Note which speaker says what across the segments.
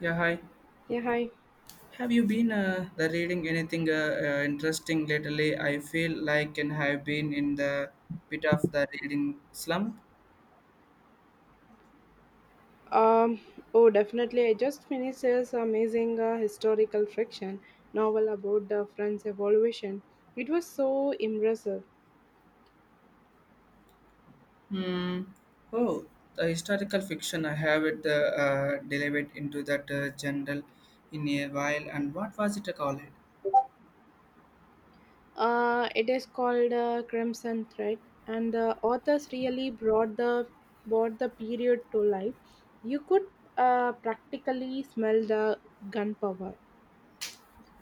Speaker 1: Yeah, hi.
Speaker 2: Yeah, hi.
Speaker 1: Have you been the reading anything interesting lately? I feel like and have been in the bit of the reading slump.
Speaker 2: Um, oh, definitely. I just finished this amazing historical fiction novel about the French Revolution. It was so impressive.
Speaker 1: Hmm. Oh, the historical fiction I have it delivered into that general in a while. And what was it called?
Speaker 2: It is called Crimson Thread, and the authors really brought the period to life. You could practically smell the gunpowder.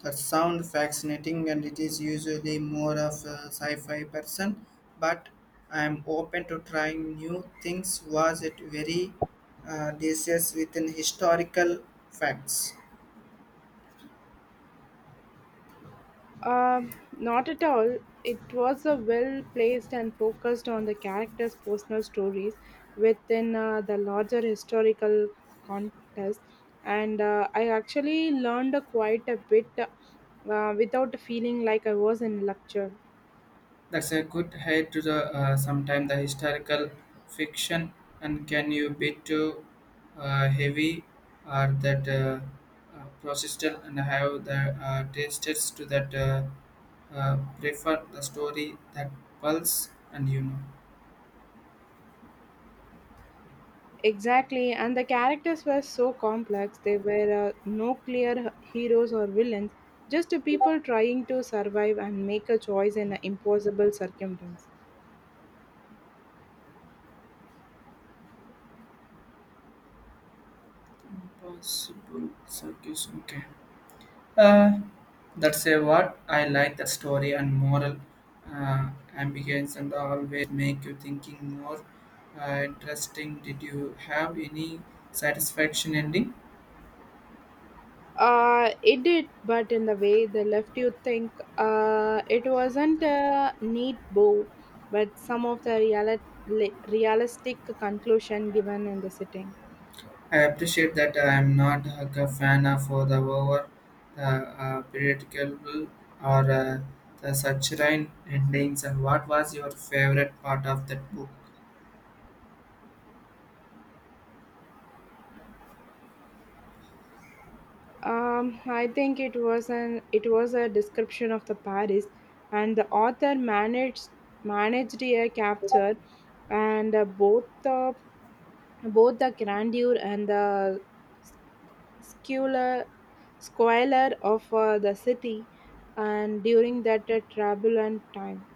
Speaker 1: That sounds fascinating, and it is usually more of a sci-fi person. But I am open to trying new things. Was it very delicious within historical facts?
Speaker 2: Not at all. It was a well placed and focused on the characters' personal stories within the larger historical context, and I actually learned quite a bit without feeling like I was in lecture.
Speaker 1: That's a good head to the sometimes the historical fiction and can you be too heavy or that persistent and have the tastes to that prefer the story that pulse and you know.
Speaker 2: Exactly, and the characters were so complex. They were no clear heroes or villains, just people trying to survive and make a choice in an impossible circumstance.
Speaker 1: Possible circus, okay. Uh, that's a what I like the story and moral uh, ambiguous and always make you thinking more interesting. Did you have any satisfaction ending?
Speaker 2: It did, but in the way they left you think, it wasn't a neat bow, but some of the realistic conclusion given in the sitting.
Speaker 1: I appreciate that I am not like a fan of the over the predictable or the such endings. And what was your favorite part of that book?
Speaker 2: I think it was a description of the Paris, and the author managed a capture, and both the grandeur and the squalor, squalor of the city and during that turbulent time.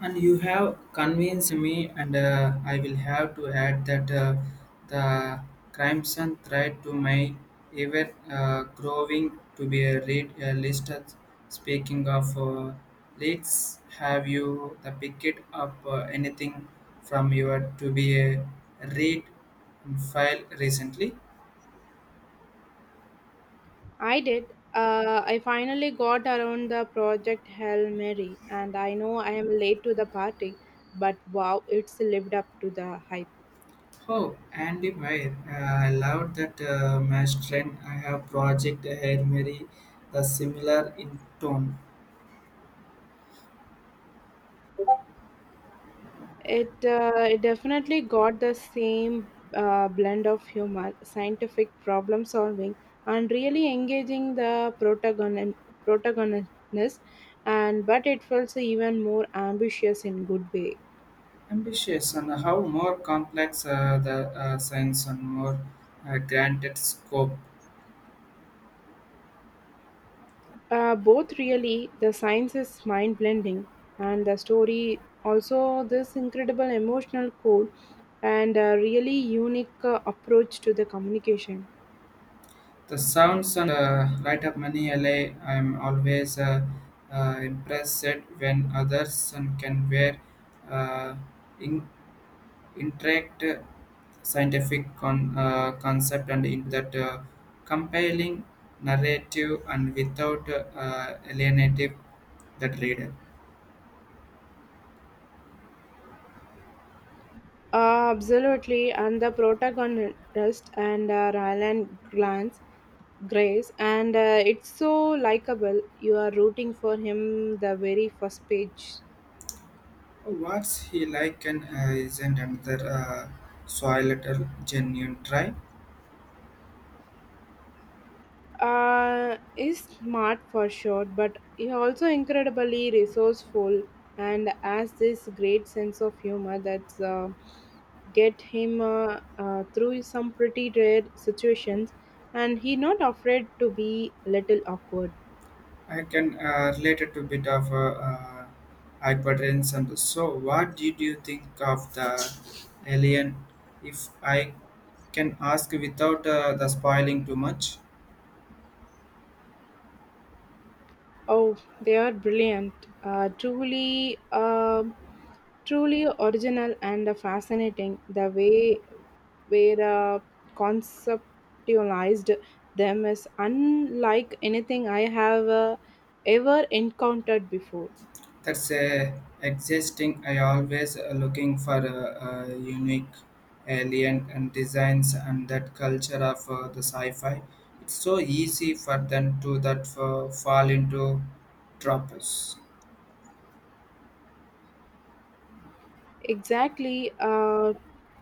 Speaker 1: And you have convinced me, and I will have to add that the crimson thread to my ever growing to be a, read, a list. Of- Speaking of, let's have you the picket up anything from your to be a read file recently.
Speaker 2: I did. I finally got around the Project Hail Mary, and I know I am late to the party, but wow, it's lived up to the hype.
Speaker 1: Oh, Andy Meyer, I love that mesh trend. I have project Hail Mary, the similar in tone.
Speaker 2: It definitely got the same blend of humor, scientific problem solving, and really engaging the protagonist, and but it felt even more ambitious in good way.
Speaker 1: Ambitious and how more complex the science and more granted scope.
Speaker 2: Both really, the science is mind blending, and the story also this incredible emotional core, and a really unique approach to the communication.
Speaker 1: The sounds and light up many LA, I'm always impressed when others and can wear uh, in, interact scientific con, concept and into that compelling narrative and without alienative that reader.
Speaker 2: Absolutely, and the protagonist and Ryland Glance Grace, and it's so likable. You are rooting for him the very first page.
Speaker 1: What's he like and isn't another soil at a genuine try?
Speaker 2: Is smart for sure, but he also incredibly resourceful and has this great sense of humor that's get him through some pretty rare situations, and he not afraid to be little awkward.
Speaker 1: I can relate it to a bit of hypertension. And so, what did you think of the alien? If I can ask without the spoiling too much.
Speaker 2: Oh, they are brilliant. Truly, truly original and fascinating. The way where conceptualized them is unlike anything I have ever encountered before.
Speaker 1: That's existing. I always looking for unique alien and designs and that culture of the sci-fi. It's so easy for them to that fall into tropes.
Speaker 2: Exactly,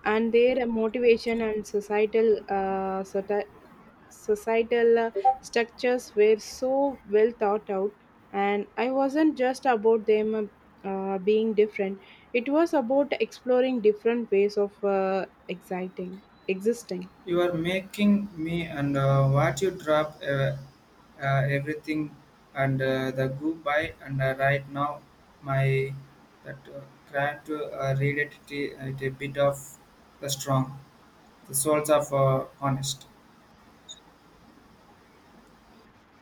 Speaker 2: and their motivation and societal structures were so well thought out, and I wasn't just about them being different. It was about exploring different ways of exciting existing.
Speaker 1: You are making me and what you drop everything and the goodbye and right now my that try to read it, t- it a bit of the strong. The Souls of Honest.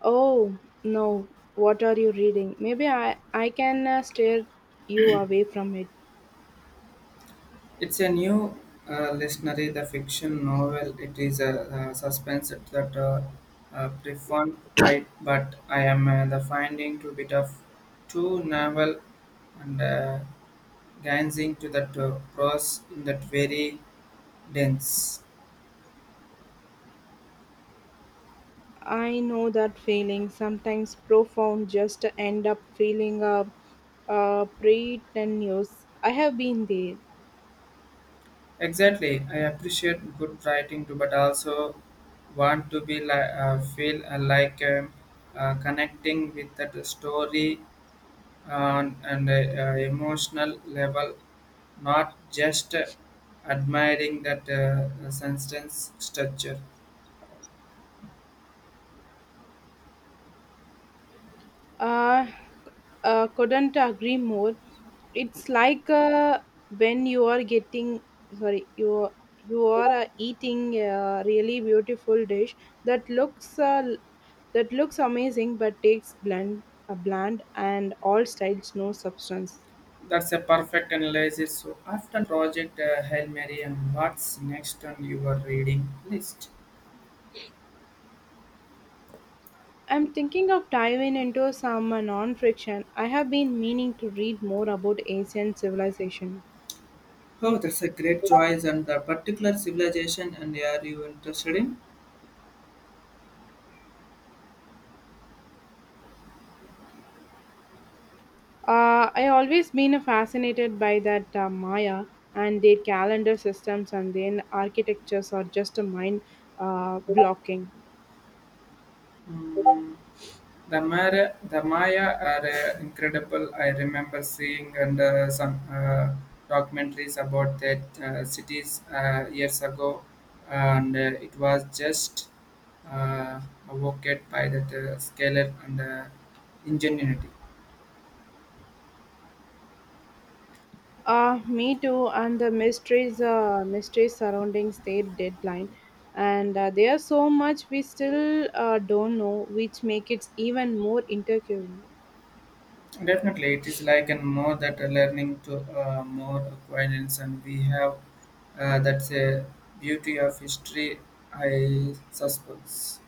Speaker 2: Oh no, what are you reading? Maybe I can steer you away from it.
Speaker 1: It's a new literary the fiction novel. It is a, suspense that preferred by, but I am the finding to bit of too novel and gazing to that prose in that very dense.
Speaker 2: I know that feeling, sometimes profound just end up feeling pretentious. I have been there.
Speaker 1: Exactly, I appreciate good writing too, but also want to be like feel like connecting with that story on an emotional level, not just admiring that sentence structure.
Speaker 2: uh, couldn't agree more. It's like when you are getting sorry you are- you are eating a really beautiful dish that looks uh, that looks amazing but takes bland a bland and all styles no substance.
Speaker 1: That's a perfect analysis. So after Project Hail Mary and what's next on your reading list?
Speaker 2: I'm thinking of diving into some non-fiction. I have been meaning to read more about Asian civilization.
Speaker 1: Oh, that's a great choice and the particular civilization and are you interested in?
Speaker 2: I always been fascinated by that Maya and their calendar systems, and then architectures are just a mind blocking.
Speaker 1: Hmm. The Mara, the Maya are incredible. I remember seeing and some documentaries about that cities years ago, and it was just uh, evoked by that scalar and ingenuity.
Speaker 2: Me too, and the mysteries surrounding state deadline, and there are so much we still don't know, which make it even more intriguing.
Speaker 1: Definitely, it is like and more that learning to more acquaintance, and we have that's a beauty of history. I suppose.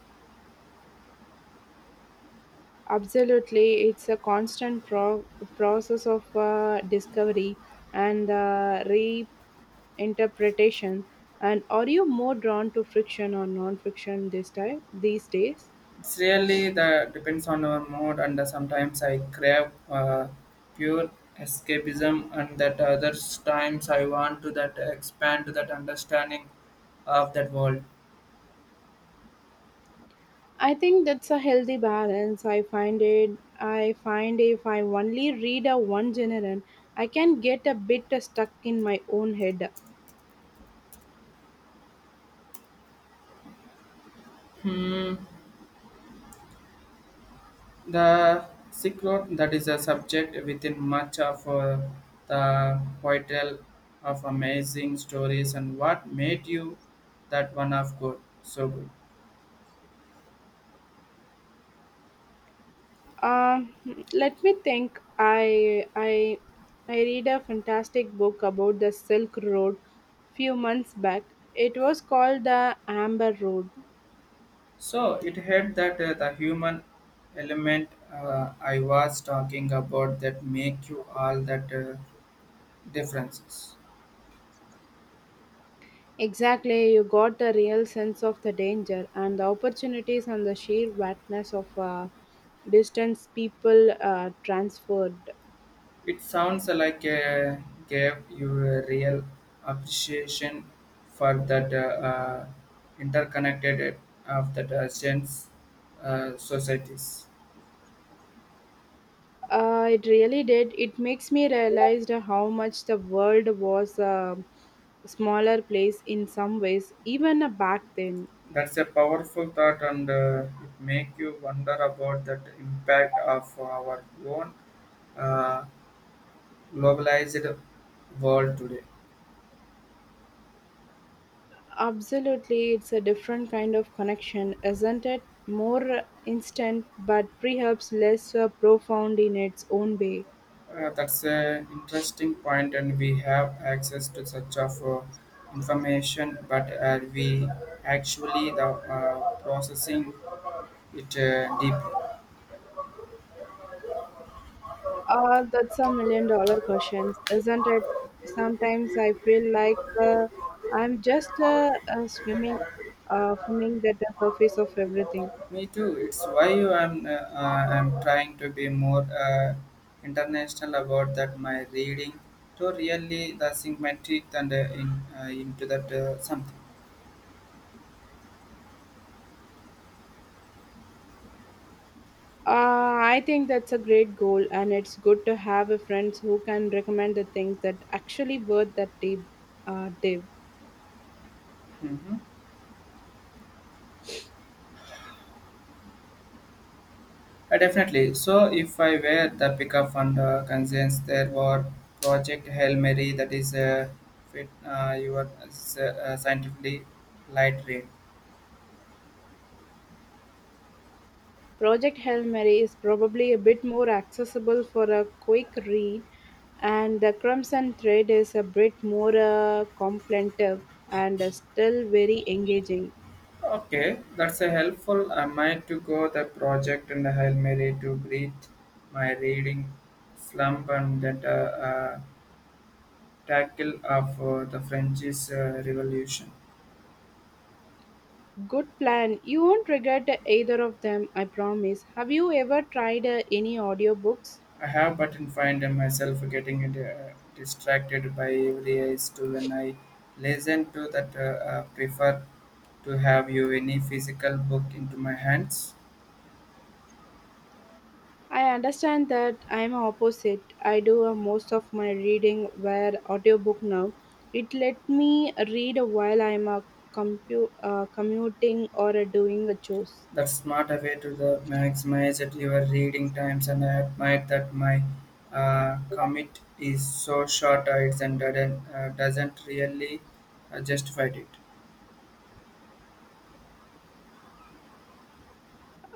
Speaker 2: Absolutely, it's a constant process of discovery and reinterpretation. And are you more drawn to friction or non-friction this time these days?
Speaker 1: It's really that depends on our mood, and sometimes I crave pure escapism, and that other times I want to that expand to that understanding of that world.
Speaker 2: I think that's a healthy balance. I find it. I find if I only read a one genre, I can get a bit stuck in my own head.
Speaker 1: Hmm. The secret that is a subject within much of the poetal of amazing stories, and what made you that one of good, so good.
Speaker 2: Um, Let me think. I read a fantastic book about the Silk Road few months back. It was called the Amber Road.
Speaker 1: So it had that the human element I was talking about that make you all that differences.
Speaker 2: Exactly, you got a real sense of the danger and the opportunities and the sheer vastness of distance people transferred.
Speaker 1: It sounds like gave you a real appreciation for that uh, interconnected of that sense societies.
Speaker 2: It really did. It makes me realize how much the world was a smaller place in some ways, even back then.
Speaker 1: That's a powerful thought, and it make you wonder about that impact of our own. Uh, Globalized world today.
Speaker 2: Absolutely, it's a different kind of connection, isn't it? More instant, but perhaps less profound in its own way.
Speaker 1: That's an interesting point, and we have access to such of information, but are we actually the processing it deeply?
Speaker 2: Ah, that's a million dollar question, isn't it? Sometimes I feel like I'm just swimming at the surface of everything.
Speaker 1: Me too. It's why I'm trying to be more international about that my reading to really the sink my teeth and in, into that something.
Speaker 2: Uh, I think that's a great goal, and it's good to have a friends who can recommend the things that actually worth that deep dive.
Speaker 1: Hmm. Definitely. So if I were the pickup and concerns, there were Project Hail Mary that is fit, your scientifically light rain.
Speaker 2: Project Hail Mary is probably a bit more accessible for a quick read, and The Crimson Thread is a bit more contemplative and still very engaging.
Speaker 1: Okay, that's a helpful. I might to go the project and the Hail Mary to breathe my reading slump and that tackle of the French Revolution.
Speaker 2: Good plan. You won't regret either of them, I promise. Have you ever tried any audiobooks?
Speaker 1: I have, but in find myself getting distracted by every eyes to when I listen to that. Prefer to have you any physical book into my hands.
Speaker 2: I understand that I'm opposite. I do most of my reading via audiobook now. It let me read while I'm commuting or doing a chores.
Speaker 1: That's smart way to the maximize at your reading times, and I admire that my commit is so short. It's and doesn't really justify it.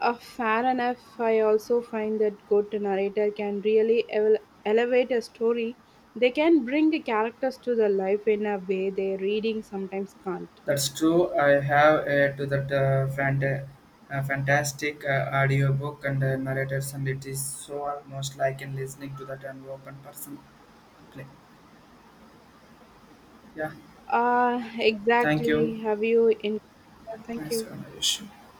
Speaker 2: Fair enough, I also find that good narrator can really elevate a story. They can bring the characters to the life in a way their reading sometimes can't.
Speaker 1: That's true. I have to that fantastic audiobook and narrators, and it is so almost like in listening to that an open person play. Yeah, thank you.
Speaker 2: Exactly. Have you in? Yeah, thank
Speaker 1: Nice
Speaker 2: you.
Speaker 1: conversation.